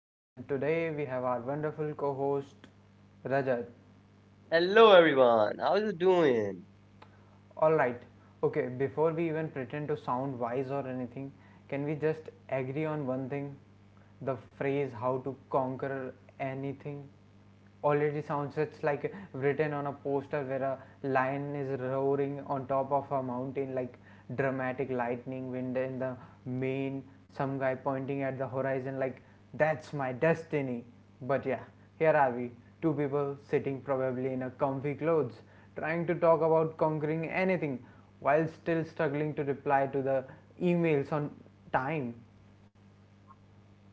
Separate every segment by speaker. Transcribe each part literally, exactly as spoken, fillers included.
Speaker 1: and today we have our wonderful co host Rajat.
Speaker 2: Hello everyone, how you doing?
Speaker 1: Alright, okay, before we even pretend to sound wise or anything, can we just agree on one thing? The phrase how to conquer anything already sounds, it's like written on a poster where a lion is roaring on top of a mountain, like dramatic lightning, wind in the main, some guy pointing at the horizon like, that's my destiny. But yeah, here are we, two people sitting probably in a comfy clothes, trying to talk about conquering anything while still struggling to reply to the emails on time.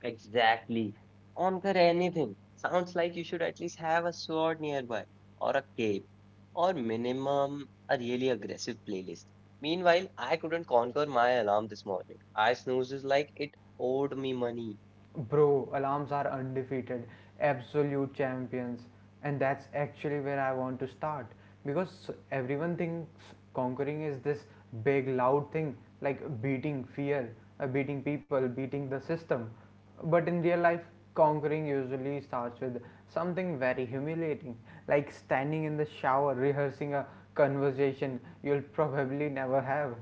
Speaker 2: Exactly. Conquer anything. Sounds like you should at least have a sword nearby, or a cape, or minimum a really aggressive playlist. Meanwhile, I couldn't conquer my alarm this morning. I snoozes like it owed me money.
Speaker 1: Bro, alarms are undefeated, absolute champions, and that's actually where I want to start, because everyone thinks conquering is this big, loud thing, like beating fear, uh, beating people, beating the system. But in real life, conquering usually starts with something very humiliating, like standing in the shower rehearsing a conversation you'll probably never have.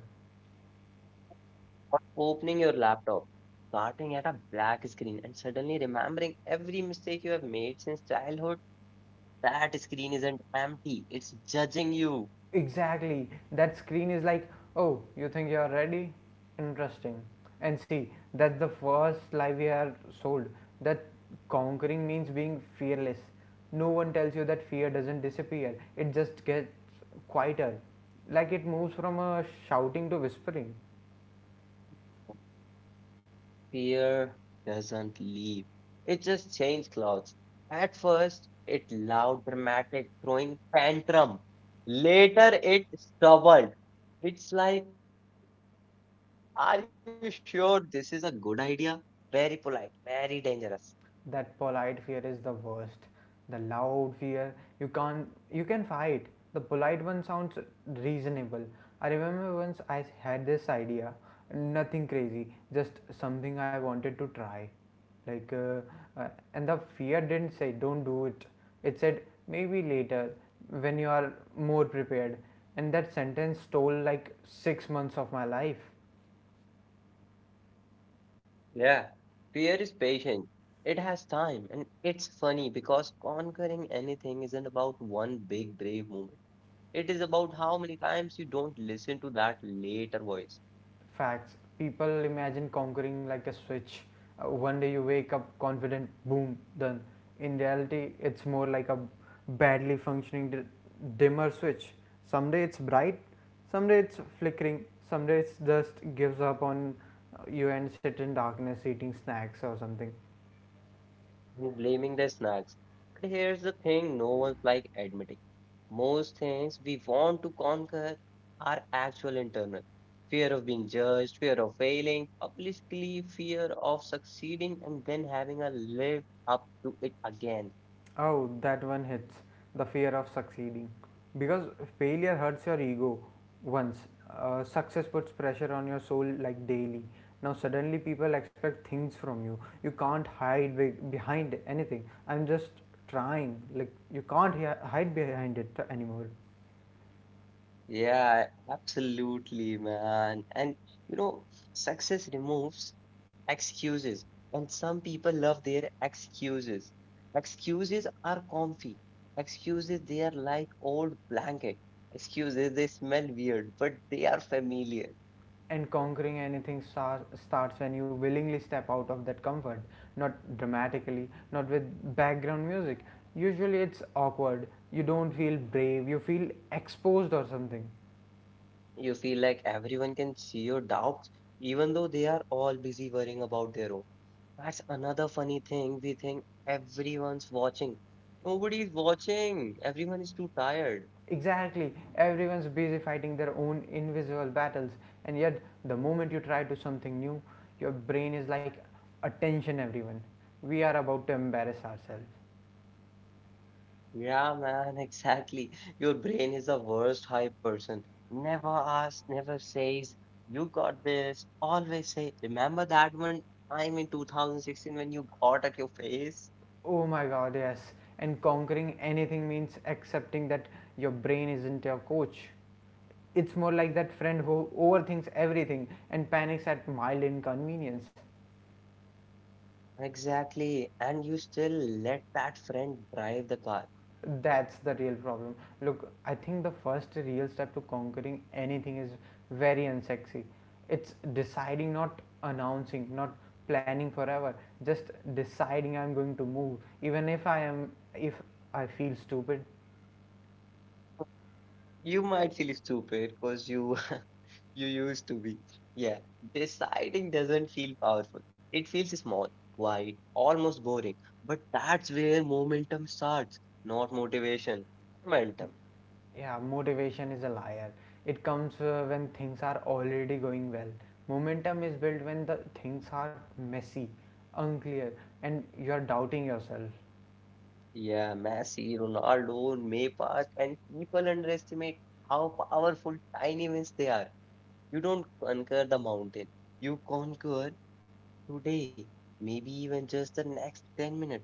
Speaker 2: Or opening your laptop, starting at a black screen, and suddenly remembering every mistake you have made since childhood. That screen isn't empty, it's judging you.
Speaker 1: Exactly. That screen is like, oh, you think you're ready? Interesting. And see, that's the first lie we are sold. That conquering means being fearless. No one tells you that fear doesn't disappear, it just gets quieter. Like, it moves from a shouting to whispering.
Speaker 2: fear doesn't leave. It just changes clothes. At first, it loud, dramatic, throwing tantrum. Later, it stubborn. It's like, are you sure this is a good idea? Very polite, very dangerous.
Speaker 1: That polite fear is the worst. The loud fear you can't you can fight. The polite one sounds reasonable. I remember once I had this idea, nothing crazy, just something I wanted to try, like uh, uh, and the fear didn't say don't do it, it said maybe later, when you are more prepared. And that sentence stole like six months of my life.
Speaker 2: Yeah. Fear is patient. It has time, and it's funny because conquering anything isn't about one big brave moment. It is about how many times you don't listen to that later voice.
Speaker 1: Facts. People imagine conquering like a switch. Uh, one day you wake up confident, boom, done. In reality, it's more like a badly functioning d- dimmer switch. Someday it's bright, someday it's flickering, someday it's just gives up on uh, you and sit in darkness eating snacks or something.
Speaker 2: blaming the snacks. But here's the thing no one's like admitting. Most things we want to conquer are actual internal. Fear of being judged, fear of failing, publicly fear of succeeding and then having a live up to it again.
Speaker 1: Oh, that one hits, the fear of succeeding. Because failure hurts your ego once. Uh, success puts pressure on your soul, like, daily. Now, suddenly, people expect things from you. You can't hide be- behind anything. I'm just trying. Like, you can't hi- hide behind it anymore.
Speaker 2: Yeah, absolutely, man. And you know, success removes excuses, and some people love their excuses. Excuses are comfy, excuses they are like old blanket, excuses they smell weird but they are familiar.
Speaker 1: And conquering anything starts when you willingly step out of that comfort, not dramatically, not with background music. Usually it's awkward, you don't feel brave, you feel exposed or something.
Speaker 2: You feel like everyone can see your doubts even though they are all busy worrying about their own. That's another funny thing: we think everyone's watching. Nobody's watching, everyone is too tired.
Speaker 1: Exactly, everyone's busy fighting their own invisible battles, and yet the moment you try to do something new, your brain is like, attention everyone, we are about to embarrass ourselves.
Speaker 2: Yeah, man, exactly. Your brain is the worst hype person. Never asks, never says, you got this. Always say, remember that one time in two thousand sixteen when you got at your face?
Speaker 1: Oh my god, yes. And conquering anything means accepting that your brain isn't your coach. It's more like that friend who overthinks everything and panics at mild inconvenience.
Speaker 2: Exactly. And you still let that friend drive the car.
Speaker 1: That's the real problem. Look, I think the first real step to conquering anything is very unsexy. It's deciding, not announcing, not planning forever. Just deciding I'm going to move, even if I am, if I feel stupid.
Speaker 2: You might feel stupid because you you used to be. Yeah. Deciding doesn't feel powerful. It feels small, white, almost boring. But that's where momentum starts, not motivation. Momentum.
Speaker 1: Yeah, motivation is a liar. It comes uh, when things are already going well. Momentum is built when the things are messy, unclear, and you are doubting yourself.
Speaker 2: Yeah, Messi, Ronaldo, Neymar, and people underestimate how powerful tiny wins they are. You don't conquer the mountain. You conquer today. Maybe even just the next ten minutes.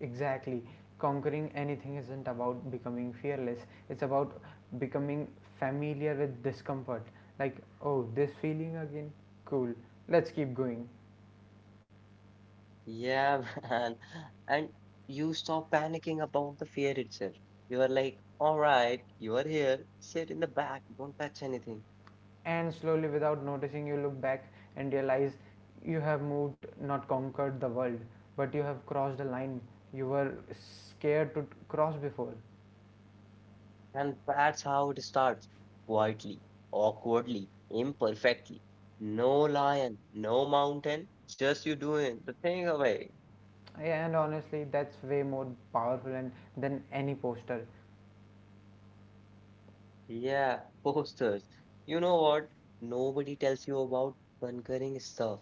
Speaker 1: Exactly. Conquering anything isn't about becoming fearless, it's about becoming familiar with discomfort. Like, oh, this feeling again? Cool, let's keep going.
Speaker 2: Yeah, man. And you stop panicking about the fear itself. You are like, all right, you are here, sit in the back, don't touch anything.
Speaker 1: And slowly, without noticing, you look back and realize you have moved, not conquered the world, but you have crossed a line you were scared to cross before.
Speaker 2: And that's how it starts, quietly, awkwardly, imperfectly. No lion, no mountain, just you doing the thing away.
Speaker 1: Yeah, and honestly, that's way more powerful and than any poster.
Speaker 2: Yeah, posters. You know what? Nobody tells you about conquering stuff.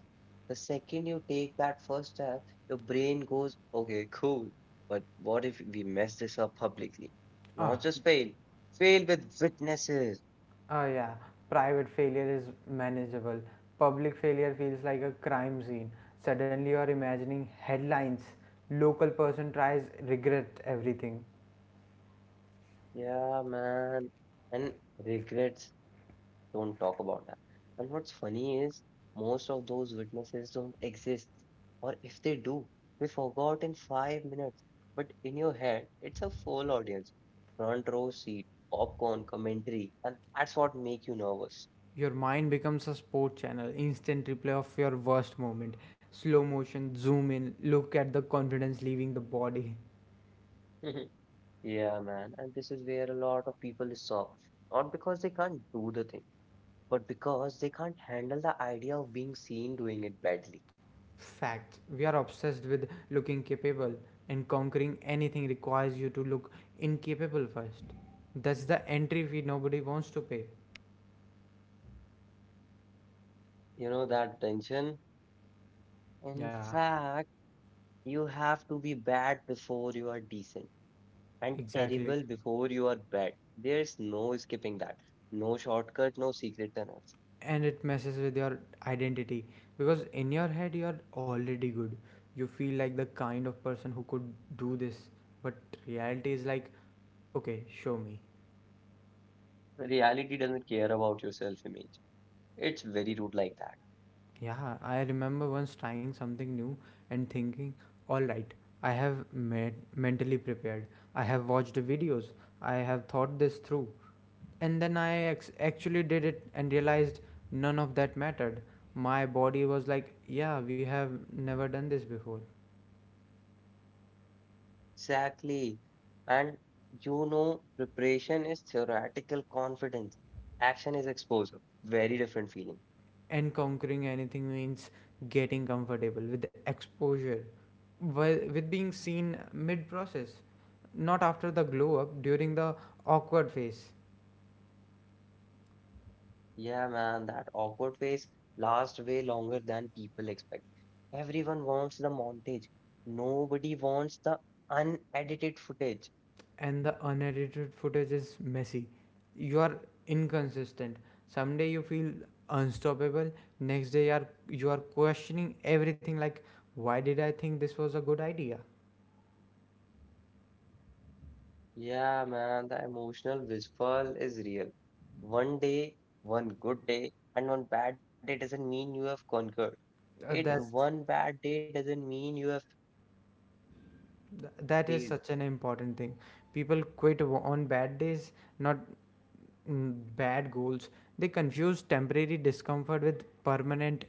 Speaker 2: The second you take that first step, your brain goes, okay, cool. But what if we mess this up publicly? Not
Speaker 1: Ah,
Speaker 2: just fail, fail with witnesses.
Speaker 1: ah, yeah. Private failure is manageable. Public failure feels like a crime scene. Suddenly, you are imagining headlines. Local person tries regret everything.
Speaker 2: Yeah, man. And regrets. Don't talk about that. And what's funny is most of those witnesses don't exist, or if they do, we forgot in five minutes. But in your head, it's a full audience, front row seat, popcorn, commentary, and that's what make you nervous.
Speaker 1: Your mind becomes a sport channel, instant replay of your worst moment, slow motion, zoom in, look at the confidence leaving the body.
Speaker 2: Yeah, man. And this is where a lot of people stop, not because they can't do the thing, but because they can't handle the idea of being seen doing it badly.
Speaker 1: Fact. We are obsessed with looking capable, and conquering anything requires you to look incapable first. That's the entry fee nobody wants to pay.
Speaker 2: You know that tension. In
Speaker 1: Yeah,
Speaker 2: fact. You have to be bad before you are decent and
Speaker 1: exactly.
Speaker 2: terrible before you are bad. There's no skipping that. No shortcut, no secret tunnels.
Speaker 1: And it messes with your identity, because in your head you're already good. You feel like the kind of person who could do this, but reality is like, okay, show me.
Speaker 2: Reality doesn't care about your self-image. It's very rude like that.
Speaker 1: Yeah, I remember once trying something new and thinking, all right, I have med- mentally prepared. I have watched the videos. I have thought this through. And then I ex- actually did it and realized none of that mattered. My body was like, yeah, we have never done this before.
Speaker 2: Exactly. And you know, preparation is theoretical confidence. Action is exposure. Very different feeling.
Speaker 1: And conquering anything means getting comfortable with exposure, wi- with being seen mid process, not after the glow up, during the awkward phase.
Speaker 2: Yeah, man, that awkward phase lasts way longer than people expect. Everyone wants the montage. Nobody wants the unedited footage.
Speaker 1: And the unedited footage is messy. You are inconsistent. Someday you feel unstoppable. Next day you are you are questioning everything, like, why did I think this was a good idea?
Speaker 2: Yeah, man, the emotional withdrawal is real. One day, one good day, and one bad day doesn't mean you have conquered.
Speaker 1: Uh,
Speaker 2: It
Speaker 1: that's
Speaker 2: one bad day doesn't mean you have failed.
Speaker 1: th- that is such an important thing. People quit w- on bad days, not mm, bad goals. They confuse temporary discomfort with permanent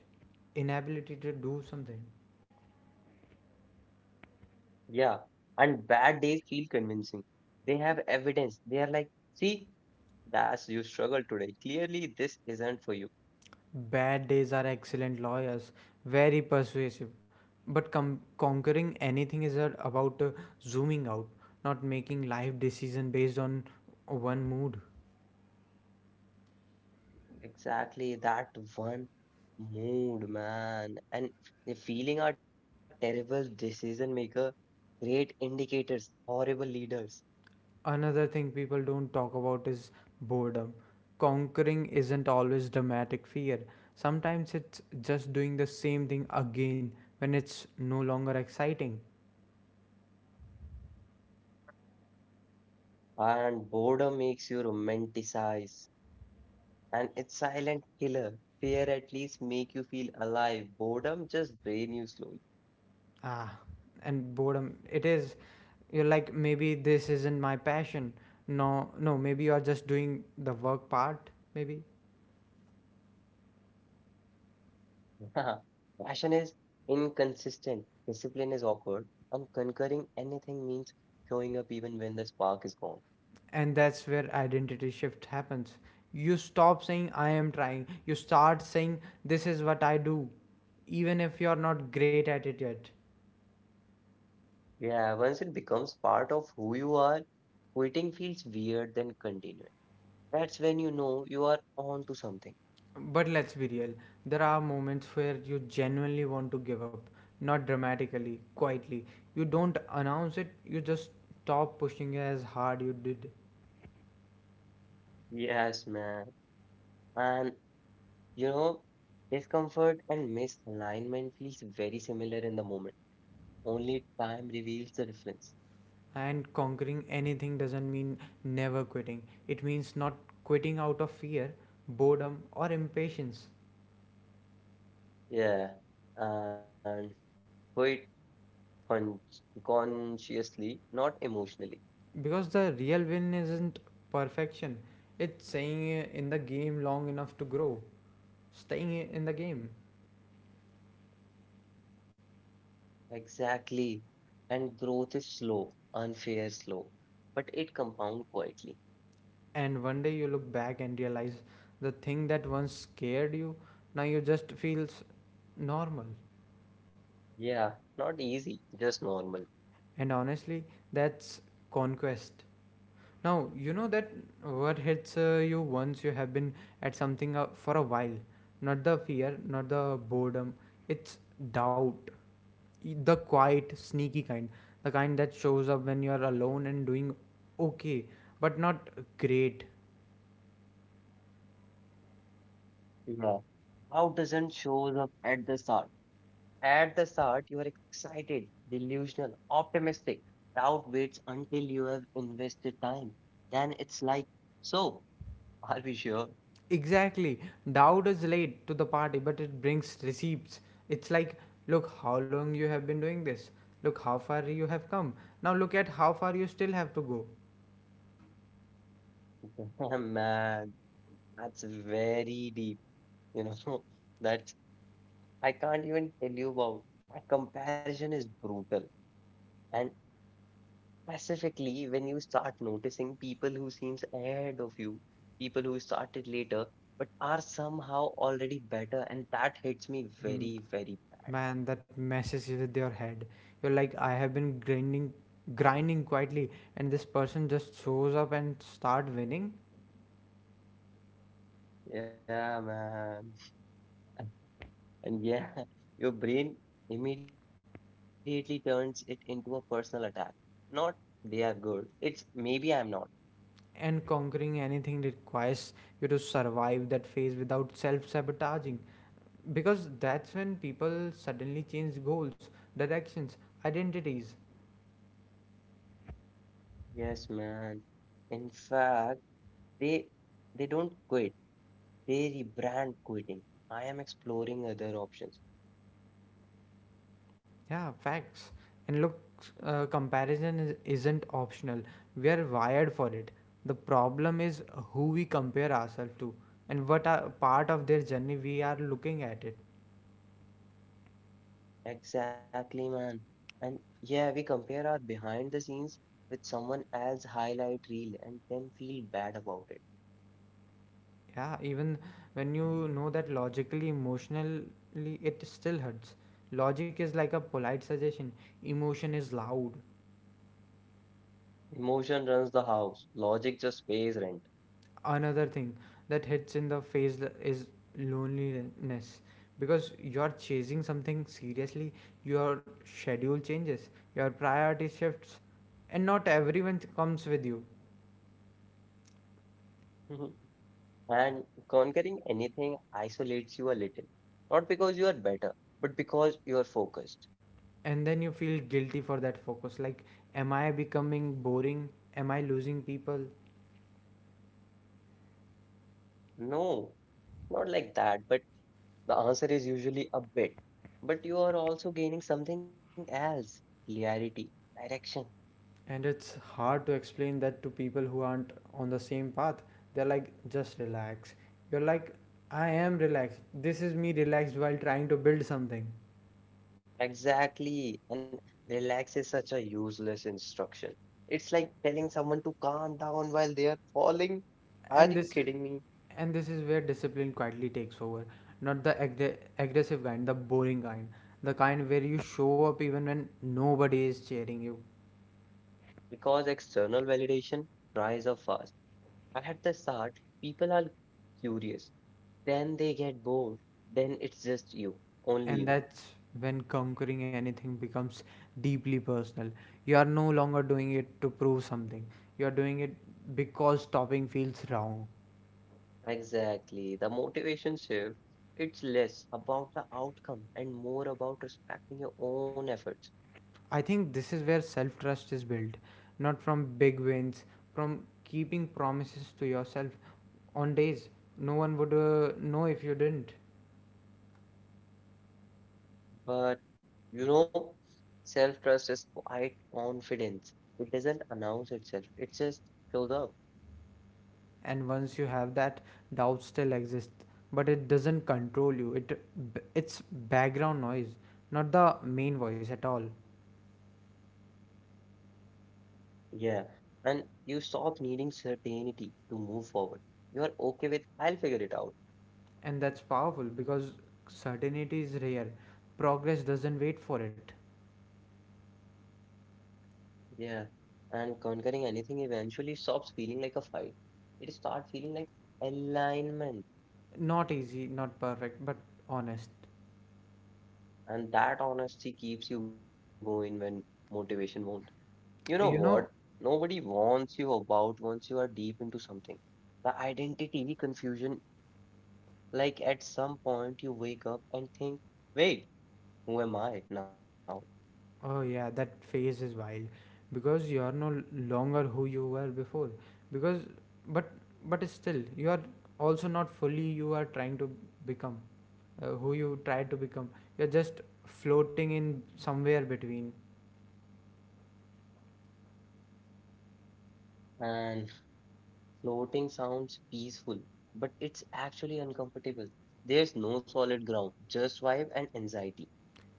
Speaker 1: inability to do something.
Speaker 2: Yeah. And bad days feel convincing. They have evidence. They are like, see, that's you struggled today. Clearly, this isn't for you.
Speaker 1: Bad days are excellent lawyers, very persuasive. But com- conquering anything is uh, about uh, zooming out, not making life decision based on one mood.
Speaker 2: Exactly that one mood, man. And the feeling are terrible decision maker, great indicators, horrible leaders.
Speaker 1: Another thing people don't talk about is boredom. Conquering isn't always dramatic fear. Sometimes it's just doing the same thing again when it's no longer exciting.
Speaker 2: And boredom makes you romanticize. And it's silent killer. Fear at least make you feel alive. Boredom just drain you slowly.
Speaker 1: Ah, and boredom, it is, you're like, maybe this isn't my passion. No, no, maybe you are just doing the work part, maybe.
Speaker 2: Passion is inconsistent. Discipline is awkward. And conquering anything means showing up even when the spark is gone.
Speaker 1: And that's where identity shift happens. You stop saying I am trying, you start saying this is what I do, even if you're not great at it yet.
Speaker 2: Yeah, once it becomes part of who you are, quitting feels weird than continuing. That's when you know you are on to something.
Speaker 1: But let's be real, there are moments where you genuinely want to give up, not dramatically, quietly. You don't announce it, you just stop pushing as hard you did.
Speaker 2: Yes, man. And you know, discomfort and misalignment feels very similar in the moment. Only time reveals the difference.
Speaker 1: And conquering anything doesn't mean never quitting. It means not quitting out of fear, boredom, or impatience.
Speaker 2: Yeah. And quit con consciously, not emotionally.
Speaker 1: Because the real win isn't perfection, it's staying in the game long enough to grow, staying in the game.
Speaker 2: Exactly. And growth is slow, unfair slow, but it compound quietly.
Speaker 1: And one day you look back and realize the thing that once scared you now you just feels normal.
Speaker 2: Yeah, not easy, just normal.
Speaker 1: And honestly, that's conquest. Now, you know that what hits uh, you once you have been at something uh, for a while. Not the fear, not the boredom. It's doubt. E- The quiet, sneaky kind. The kind that shows up when you're alone and doing okay, but not great.
Speaker 2: Yeah. How doesn't shows up at the start? At the start, you are excited, delusional, optimistic. Doubt waits until you have invested time. Then it's like, so, are we sure?
Speaker 1: Exactly. Doubt is late to the party, but it brings receipts. It's like, look how long you have been doing this. Look how far you have come. Now look at how far you still have to go.
Speaker 2: Damn, man, that's very deep. You know, that's I can't even tell you about. That comparison is brutal. And specifically, when you start noticing people who seems ahead of you, people who started later but are somehow already better, and that hits me very, very bad.
Speaker 1: Man, that messes with your head. You're like, I have been grinding, grinding quietly, and this person just shows up and start winning.
Speaker 2: Yeah, man. And yeah, your brain immediately turns it into a personal attack. Not they are good. It's maybe I'm not.
Speaker 1: And conquering anything that requires you to survive that phase without self-sabotaging, because that's when people suddenly change goals, directions, identities.
Speaker 2: Yes, man. In fact, they they don't quit. They rebrand quitting. I am exploring other options.
Speaker 1: Yeah, facts. And look, uh, comparison is, isn't optional. We are wired for it. The problem is who we compare ourselves to, and what are part of their journey we are looking at it.
Speaker 2: Exactly, man. And yeah, we compare our behind the scenes with someone else's highlight reel and then feel bad about it.
Speaker 1: Yeah, even when you know that logically, emotionally, it still hurts. Logic is like a polite suggestion, emotion is loud.
Speaker 2: Emotion runs the house, logic just pays rent.
Speaker 1: Another thing that hits in the face th- is loneliness, because you're chasing something seriously, your schedule changes, your priority shifts, and not everyone comes with you.
Speaker 2: And conquering anything isolates you a little. Not because you are better, but because you are focused.
Speaker 1: And then you feel guilty for that focus, like, am I becoming boring? Am I losing people?
Speaker 2: No, not like that, but the answer is usually a bit. But you are also gaining something else, clarity, direction.
Speaker 1: And it's hard to explain that to people who aren't on the same path. They're like, just relax. You're like, I am relaxed. This is me relaxed while trying to build something.
Speaker 2: Exactly. And relax is such a useless instruction. It's like telling someone to calm down while they are falling. Are
Speaker 1: and
Speaker 2: you
Speaker 1: this
Speaker 2: kidding me?
Speaker 1: And this is where discipline quietly takes over. Not the aggr- aggressive kind, the boring kind. The kind where you show up even when nobody is cheering you.
Speaker 2: Because external validation rise up fast. At the start, people are curious. Then they get bored. Then it's just you, only
Speaker 1: And
Speaker 2: you.
Speaker 1: that's when conquering anything becomes deeply personal. You are no longer doing it to prove something, you are doing it because stopping feels wrong.
Speaker 2: Exactly. The motivation shift, it's less about the outcome and more about respecting your own efforts.
Speaker 1: I think this is where self trust is built, not from big wins, from keeping promises to yourself on days no one would uh, know if you didn't.
Speaker 2: But you know, self trust is quite confidence. It doesn't announce itself, it just shows up.
Speaker 1: And once you have that, doubt still exists, but it doesn't control you, it it's background noise, not the main voice at all.
Speaker 2: Yeah. And you stop needing certainty to move forward. You are okay with, I'll figure it out.
Speaker 1: And that's powerful, because certainty is rare, progress doesn't wait for it.
Speaker 2: Yeah. And conquering anything eventually stops feeling like a fight. It starts feeling like alignment.
Speaker 1: Not easy, not perfect, but honest.
Speaker 2: And that honesty keeps you going when motivation won't. You know what?
Speaker 1: You know.
Speaker 2: Nobody warns you about once you are deep into something. The identity confusion, like at some point you wake up and think, wait, who am I now?
Speaker 1: Oh yeah, that phase is wild, because you are no longer who you were before, because but but still you are also not fully, you are trying to become uh, who you try to become. You're just floating in somewhere between,
Speaker 2: And floating sounds peaceful, but it's actually uncomfortable. There's no solid ground, just vibe and anxiety.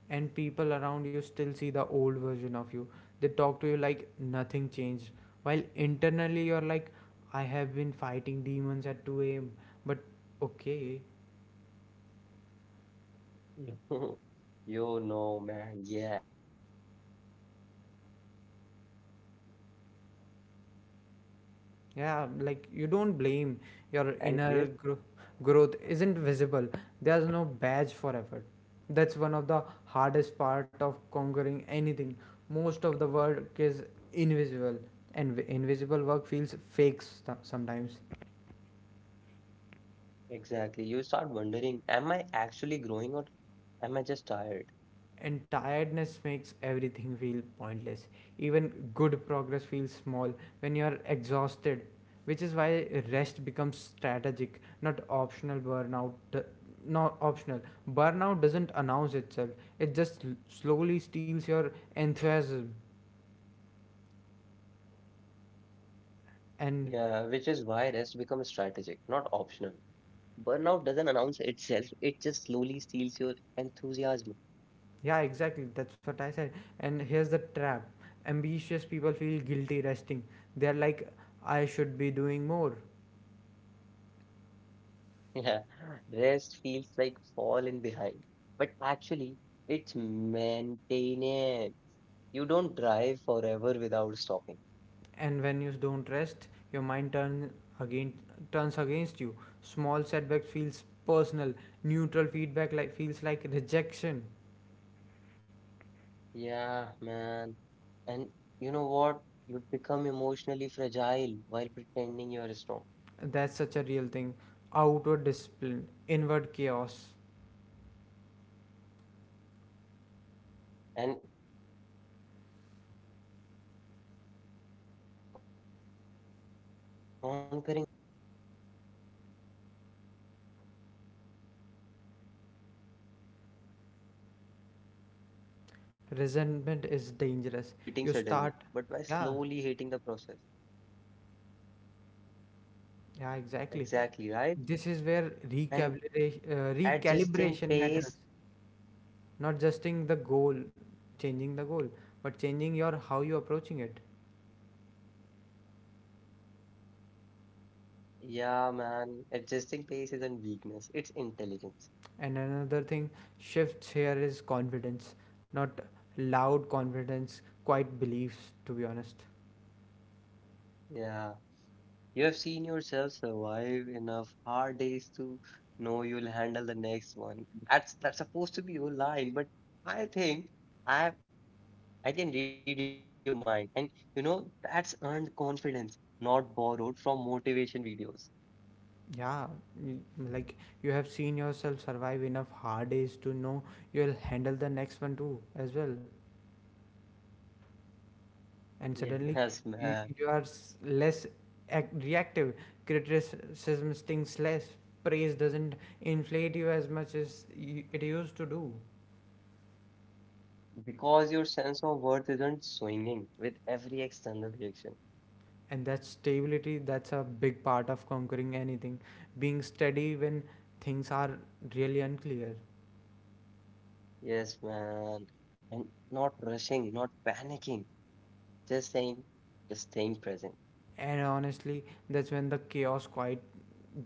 Speaker 1: and people around you still see the old version of you. They talk to you like nothing changed, while internally you're like, I have been fighting demons at two a m. But okay.
Speaker 2: Yeah. You know, man, yeah, and you don't blame them. Your inner growth isn't visible. There's no path for effort.
Speaker 1: Yeah, like, you don't blame. Your inner gro- growth isn't visible. There's no badge for effort. That's one of the hardest part of conquering anything. Most of the work is invisible, and v- invisible work feels fake st- sometimes.
Speaker 2: Exactly. You start wondering, am I actually growing or am I just tired?
Speaker 1: And tiredness makes everything feel pointless. Even good progress feels small when you are exhausted, which is why rest becomes strategic, not optional burnout. Not optional. Burnout doesn't announce itself, it just l- slowly steals your enthusiasm.
Speaker 2: Yeah, which is why rest
Speaker 1: And
Speaker 2: becomes strategic, not optional. Burnout doesn't announce itself, it just slowly steals your enthusiasm.
Speaker 1: yeah, exactly, that's what I said. And here's the trap ambitious people feel guilty resting. They're like, I should be doing more.
Speaker 2: Yeah, rest feels like falling behind. But actually, it's maintenance. You don't drive forever without stopping.
Speaker 1: And when you don't rest your mind turn again turns against you. Small setback feels personal, neutral feedback like feels like rejection.
Speaker 2: Yeah, man. And you know what? You become emotionally fragile while pretending you're strong.
Speaker 1: That's such a real thing, outward discipline inward chaos.
Speaker 2: And conquering anything means learning to notice those signs early before. And that's how people sabotage progress,
Speaker 1: Resentment
Speaker 2: not
Speaker 1: is
Speaker 2: by quitting
Speaker 1: dangerous.
Speaker 2: suddenly,
Speaker 1: You
Speaker 2: but by
Speaker 1: start,
Speaker 2: slowly
Speaker 1: yeah,
Speaker 2: hating the process.
Speaker 1: yeah, exactly.
Speaker 2: Exactly, right?
Speaker 1: This is where
Speaker 2: And
Speaker 1: recalibration, uh,
Speaker 2: adjusting
Speaker 1: recalibration matters.
Speaker 2: pace,
Speaker 1: Not justing the goal, changing the goal, but changing your how you approaching it.
Speaker 2: yeah, man, adjusting pace isn't weakness, it's intelligence.
Speaker 1: And another thing shifts here is confidence, not loud confidence, quiet beliefs, to be honest.
Speaker 2: Yeah. You have seen yourself survive enough hard days to know you'll handle the next one. That's that's supposed to be your line, but I think. I I can read your mind. And you know, that's earned confidence, not borrowed from motivation videos.
Speaker 1: Yeah, y- like you have seen yourself survive enough hard days to know you'll handle the next one too, as well. And suddenly
Speaker 2: Yes,
Speaker 1: you,
Speaker 2: man.
Speaker 1: you are s- less act- reactive, criticism stings less, praise doesn't inflate you as much as y it used to do.
Speaker 2: Because your sense of worth isn't swinging with every external reaction.
Speaker 1: And that stability, that's a big part of conquering anything, being steady when things are really unclear.
Speaker 2: Yes, man. And not rushing, not panicking, just saying, just staying present.
Speaker 1: And honestly, that's when the chaos quiet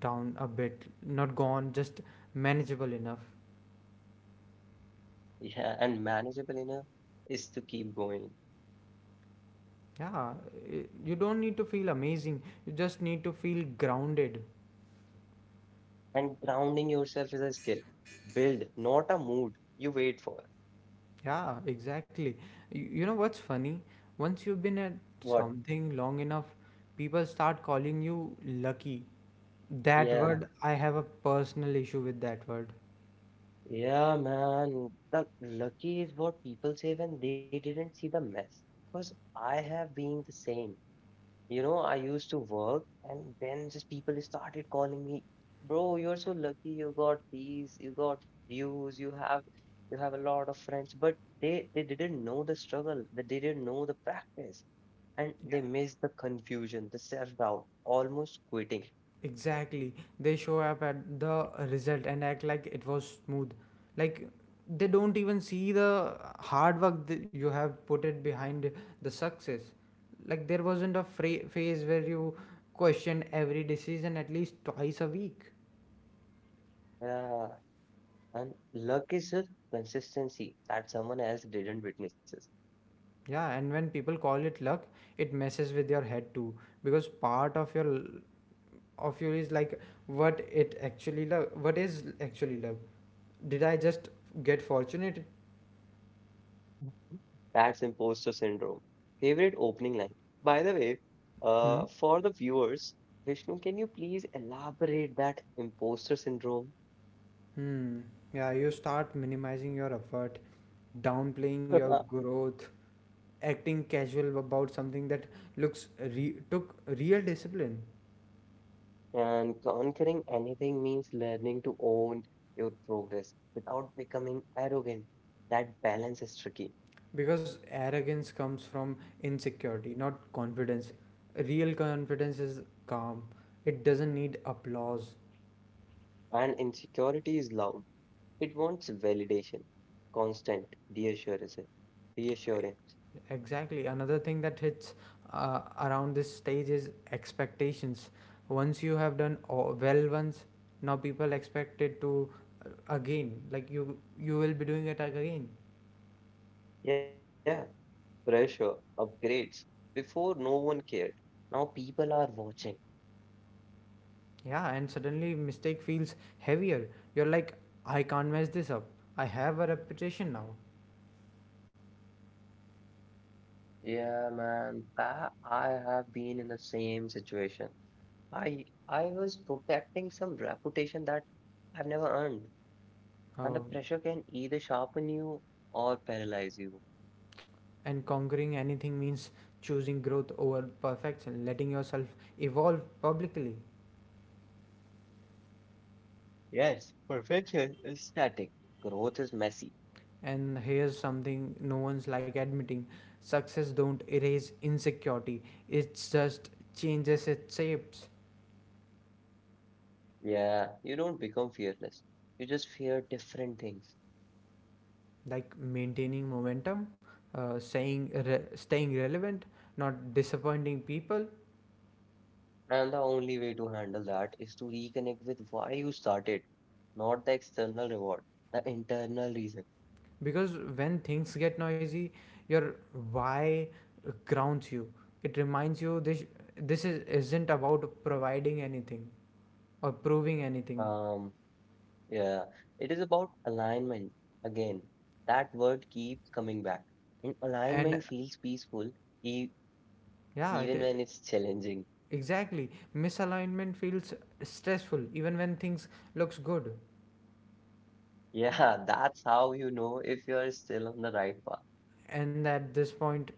Speaker 1: down a bit, not gone, just manageable enough.
Speaker 2: Yeah, and manageable enough is to keep going.
Speaker 1: Yeah i- you don't need to feel amazing, you just need to feel grounded.
Speaker 2: And grounding yourself is a skill. Build, not a mood you wait for.
Speaker 1: Yeah, exactly. You, you know what's funny, once you've been at
Speaker 2: What?
Speaker 1: something long enough, people start calling you lucky. That
Speaker 2: Yeah.
Speaker 1: word, I have a personal issue with that word.
Speaker 2: Yeah, man. The lucky is what people say when they didn't see the mess. Because I have been the same. You know, I used to work and then just people started calling me, bro, you're so lucky you got these, you got views, you have you have a lot of friends. But they they didn't know the struggle, they didn't know the practice, and they missed the confusion, the self-doubt, almost quitting.
Speaker 1: Exactly. They show up at the result and act like it was smooth. Like they don't even see the hard work that you have put it behind the success. Like there wasn't a fra- phase where you question every decision at least twice a week.
Speaker 2: Yeah. And luck is just consistency that someone else didn't witness.
Speaker 1: Yeah, and when people call it luck, it messes with your head too, because part of your of you is like, what it actually love. What is actually love? Did I just get fortunate?
Speaker 2: That's imposter syndrome. Favorite opening line. By the way,
Speaker 1: Hmm?
Speaker 2: uh, for the viewers, Vishnu, can you please elaborate that imposter syndrome?
Speaker 1: Hmm. Yeah, you start minimizing your effort, downplaying your growth, acting casual about something that looks re- took real discipline.
Speaker 2: And conquering anything means learning to own your progress without becoming arrogant. That balance is tricky.
Speaker 1: Because arrogance comes from insecurity, not confidence. Real confidence is calm. It doesn't need applause.
Speaker 2: And insecurity is loud. It wants validation, constant reassurance. Reassurance.
Speaker 1: Exactly. Another thing that hits uh, around this stage is expectations. Once you have done o- well once, now people expect it to, uh, again. Like you, you will be doing it ag- again.
Speaker 2: Yeah. Pressure, upgrades. Before, no one cared. Now people are watching.
Speaker 1: Yeah, and suddenly mistake feels heavier. You're like, I can't mess this up. I have a reputation now.
Speaker 2: Yeah, man, that I have been in the same situation. I I was protecting some reputation that I've never earned, and the pressure can
Speaker 1: Uh,
Speaker 2: either sharpen you or paralyze you.
Speaker 1: and conquering anything means choosing growth over perfection, letting yourself evolve publicly.
Speaker 2: Yes, perfection is static. Growth is messy.
Speaker 1: And here's something no one's like admitting, success don't erase insecurity, it just changes its shapes.
Speaker 2: Yeah, you don't become fearless. You just fear different things.
Speaker 1: Like maintaining momentum, uh, saying re- staying relevant, not disappointing people.
Speaker 2: And the only way to handle that is to reconnect with why you started, not the external reward, the internal reason.
Speaker 1: Because when things get noisy, your why grounds you, it reminds you this this is, isn't about providing anything or proving anything.
Speaker 2: Um, yeah, it is about alignment. Again, that word keeps coming back. And
Speaker 1: And
Speaker 2: alignment feels peaceful e
Speaker 1: yeah,
Speaker 2: even when
Speaker 1: it,
Speaker 2: it's challenging.
Speaker 1: exactly. Misalignment feels stressful even when things looks good.
Speaker 2: Yeah, that's how you know if you are still on the right path.
Speaker 1: And at this point,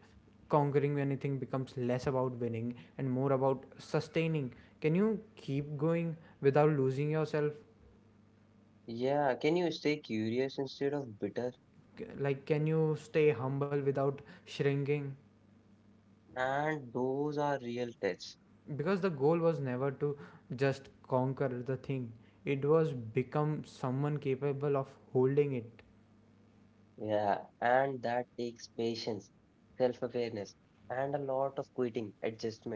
Speaker 1: conquering anything becomes less about winning and more about sustaining. Can you keep going without losing yourself?
Speaker 2: Yeah, can you stay curious instead of bitter?
Speaker 1: C- Like can you stay humble without shrinking?
Speaker 2: And those are real tests.
Speaker 1: Because the goal was never to just conquer the thing. It was become someone capable of holding it.
Speaker 2: Yeah, and that takes patience, self-awareness, and a lot of quitting, adjustment.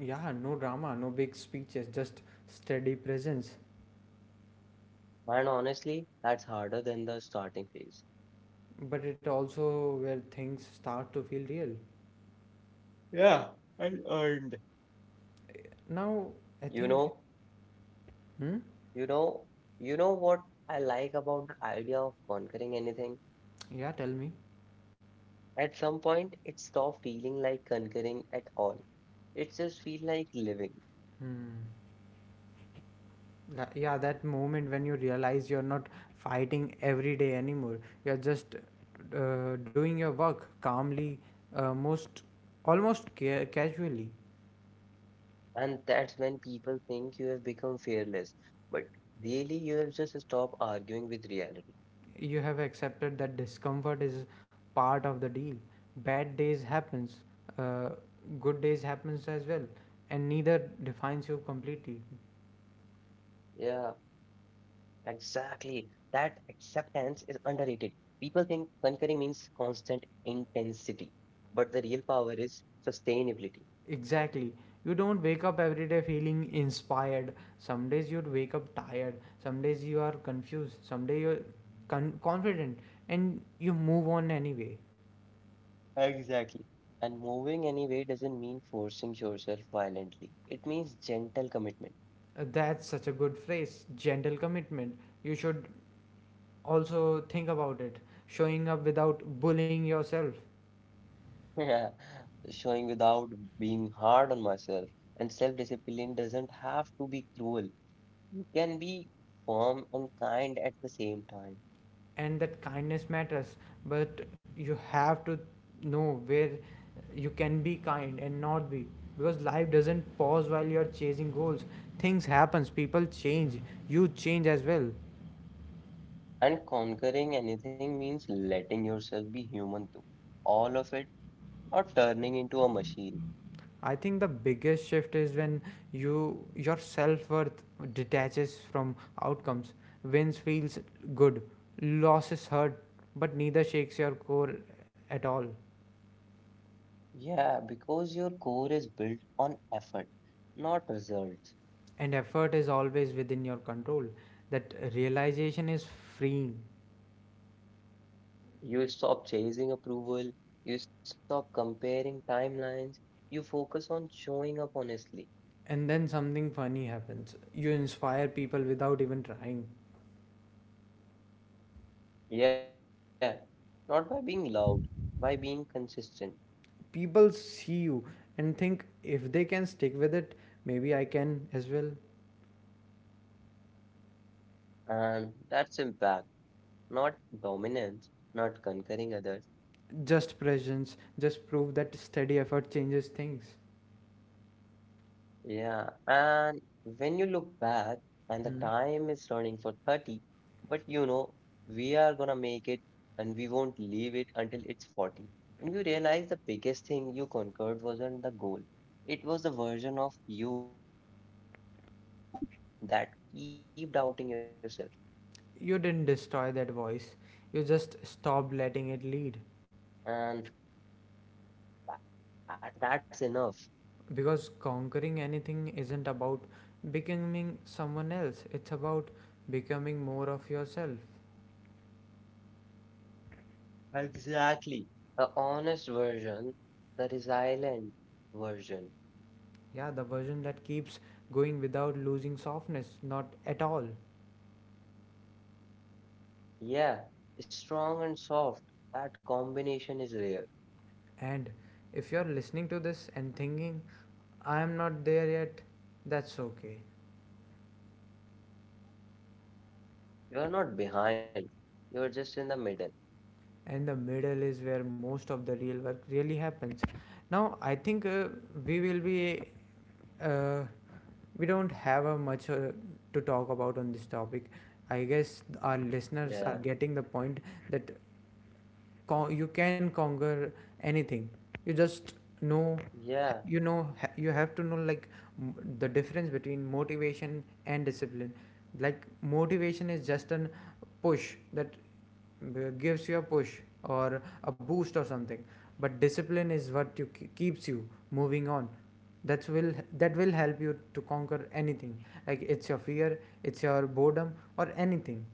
Speaker 1: Yeah, no drama, no big speeches, just steady presence.
Speaker 2: And honestly, that's harder than the starting phase.
Speaker 1: But it also where things start to feel real.
Speaker 2: Yeah, and earned.
Speaker 1: Now I
Speaker 2: You
Speaker 1: think,
Speaker 2: know,
Speaker 1: hmm?
Speaker 2: you know, you know what I like about the idea of conquering anything?
Speaker 1: Yeah, tell me.
Speaker 2: At some point, it stopped feeling like conquering at all. It just feels like living.
Speaker 1: Hmm. That, yeah, that moment when you realize you're not fighting every day anymore. You're just, uh, doing your work calmly, uh, most almost ca- casually.
Speaker 2: And that's when people think you have become fearless. But really, you have just stopped arguing with reality.
Speaker 1: You have accepted that discomfort is part of the deal. Bad days happens, uh, good days happens as well, and neither defines you
Speaker 2: Yeah.
Speaker 1: completely.
Speaker 2: Exactly. That acceptance is underrated. People think conquering means constant intensity, but the real power is sustainability.
Speaker 1: Exactly. You don't wake up every day feeling inspired. Some days you'd wake up tired. Some days you are confused. Some day you're con- confident and you move on anyway.
Speaker 2: Exactly. And moving anyway doesn't mean forcing yourself violently. It means gentle commitment.
Speaker 1: Uh, that's such a good phrase. Gentle commitment. You should also think about it. Showing up without bullying yourself.
Speaker 2: Yeah, showing without being hard on myself. And self-discipline doesn't have to be cruel. You can be firm and kind at the same time.
Speaker 1: And that kindness matters, but you have to know where you can be kind and not be, because life doesn't pause while you're chasing goals, things happens, people change, you change as well.
Speaker 2: And conquering anything means letting yourself be human too. All of it, not turning into a machine.
Speaker 1: I think the biggest shift is when you, your self-worth detaches from outcomes. Wins feels good, losses hurt, but neither shakes your core at all.
Speaker 2: Yeah, because your core is built on effort, not results.
Speaker 1: And effort is always within your control, that realization is freeing.
Speaker 2: You stop chasing approval, you stop comparing timelines, you focus on showing up honestly.
Speaker 1: And then something funny happens, you inspire people without even trying.
Speaker 2: Yeah, not by being loud, by being consistent.
Speaker 1: People see you and think, if they can stick with it, maybe I can as well.
Speaker 2: And that's impact, not dominance, not conquering others.
Speaker 1: Just presence, just prove that steady effort changes things.
Speaker 2: Yeah, and when you look back, and the
Speaker 1: Hmm.
Speaker 2: time is running for thirty, but you know, we are gonna make it and we won't leave it until it's forty. When you realize the biggest thing you conquered wasn't the goal, it was the version of you that keep doubting yourself.
Speaker 1: You didn't destroy that voice, you just
Speaker 2: And
Speaker 1: stopped letting it
Speaker 2: that's,
Speaker 1: lead.
Speaker 2: yeah, and that's enough.
Speaker 1: Because conquering anything isn't about becoming someone else, it's about becoming more of yourself.
Speaker 2: Exactly. The honest version, the resilient version.
Speaker 1: Yeah, the version that keeps going without losing softness, not at all.
Speaker 2: Yeah, strong and soft. That combination is rare.
Speaker 1: And if you're listening to this and thinking, I am not there yet, that's okay.
Speaker 2: You're not behind. You're just in the middle.
Speaker 1: And the middle is where most of the real work really happens. Now, I think, uh, we will be, uh, we don't have uh, much uh, to talk about on this topic. I guess our
Speaker 2: Yeah.
Speaker 1: listeners are getting the point that con- you can conquer anything. You just know,
Speaker 2: Yeah.
Speaker 1: you know, ha- you have to know, like, m- the difference between
Speaker 2: Yeah.
Speaker 1: motivation and discipline. Like motivation is just an push that, uh, gives you a push or a boost or something, but discipline is what you ke- keeps you moving on. that's will that will help you to conquer anything, like it's your fear, it's your boredom or anything.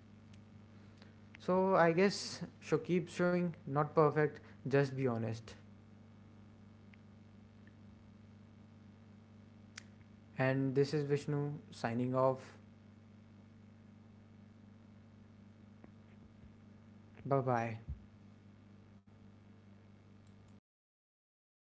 Speaker 2: Yeah, exactly.
Speaker 1: So I guess, show keep showing, not perfect, just be honest. And this is Vishnu signing off. Bye bye.
Speaker 2: Yeah, I still agree with your point.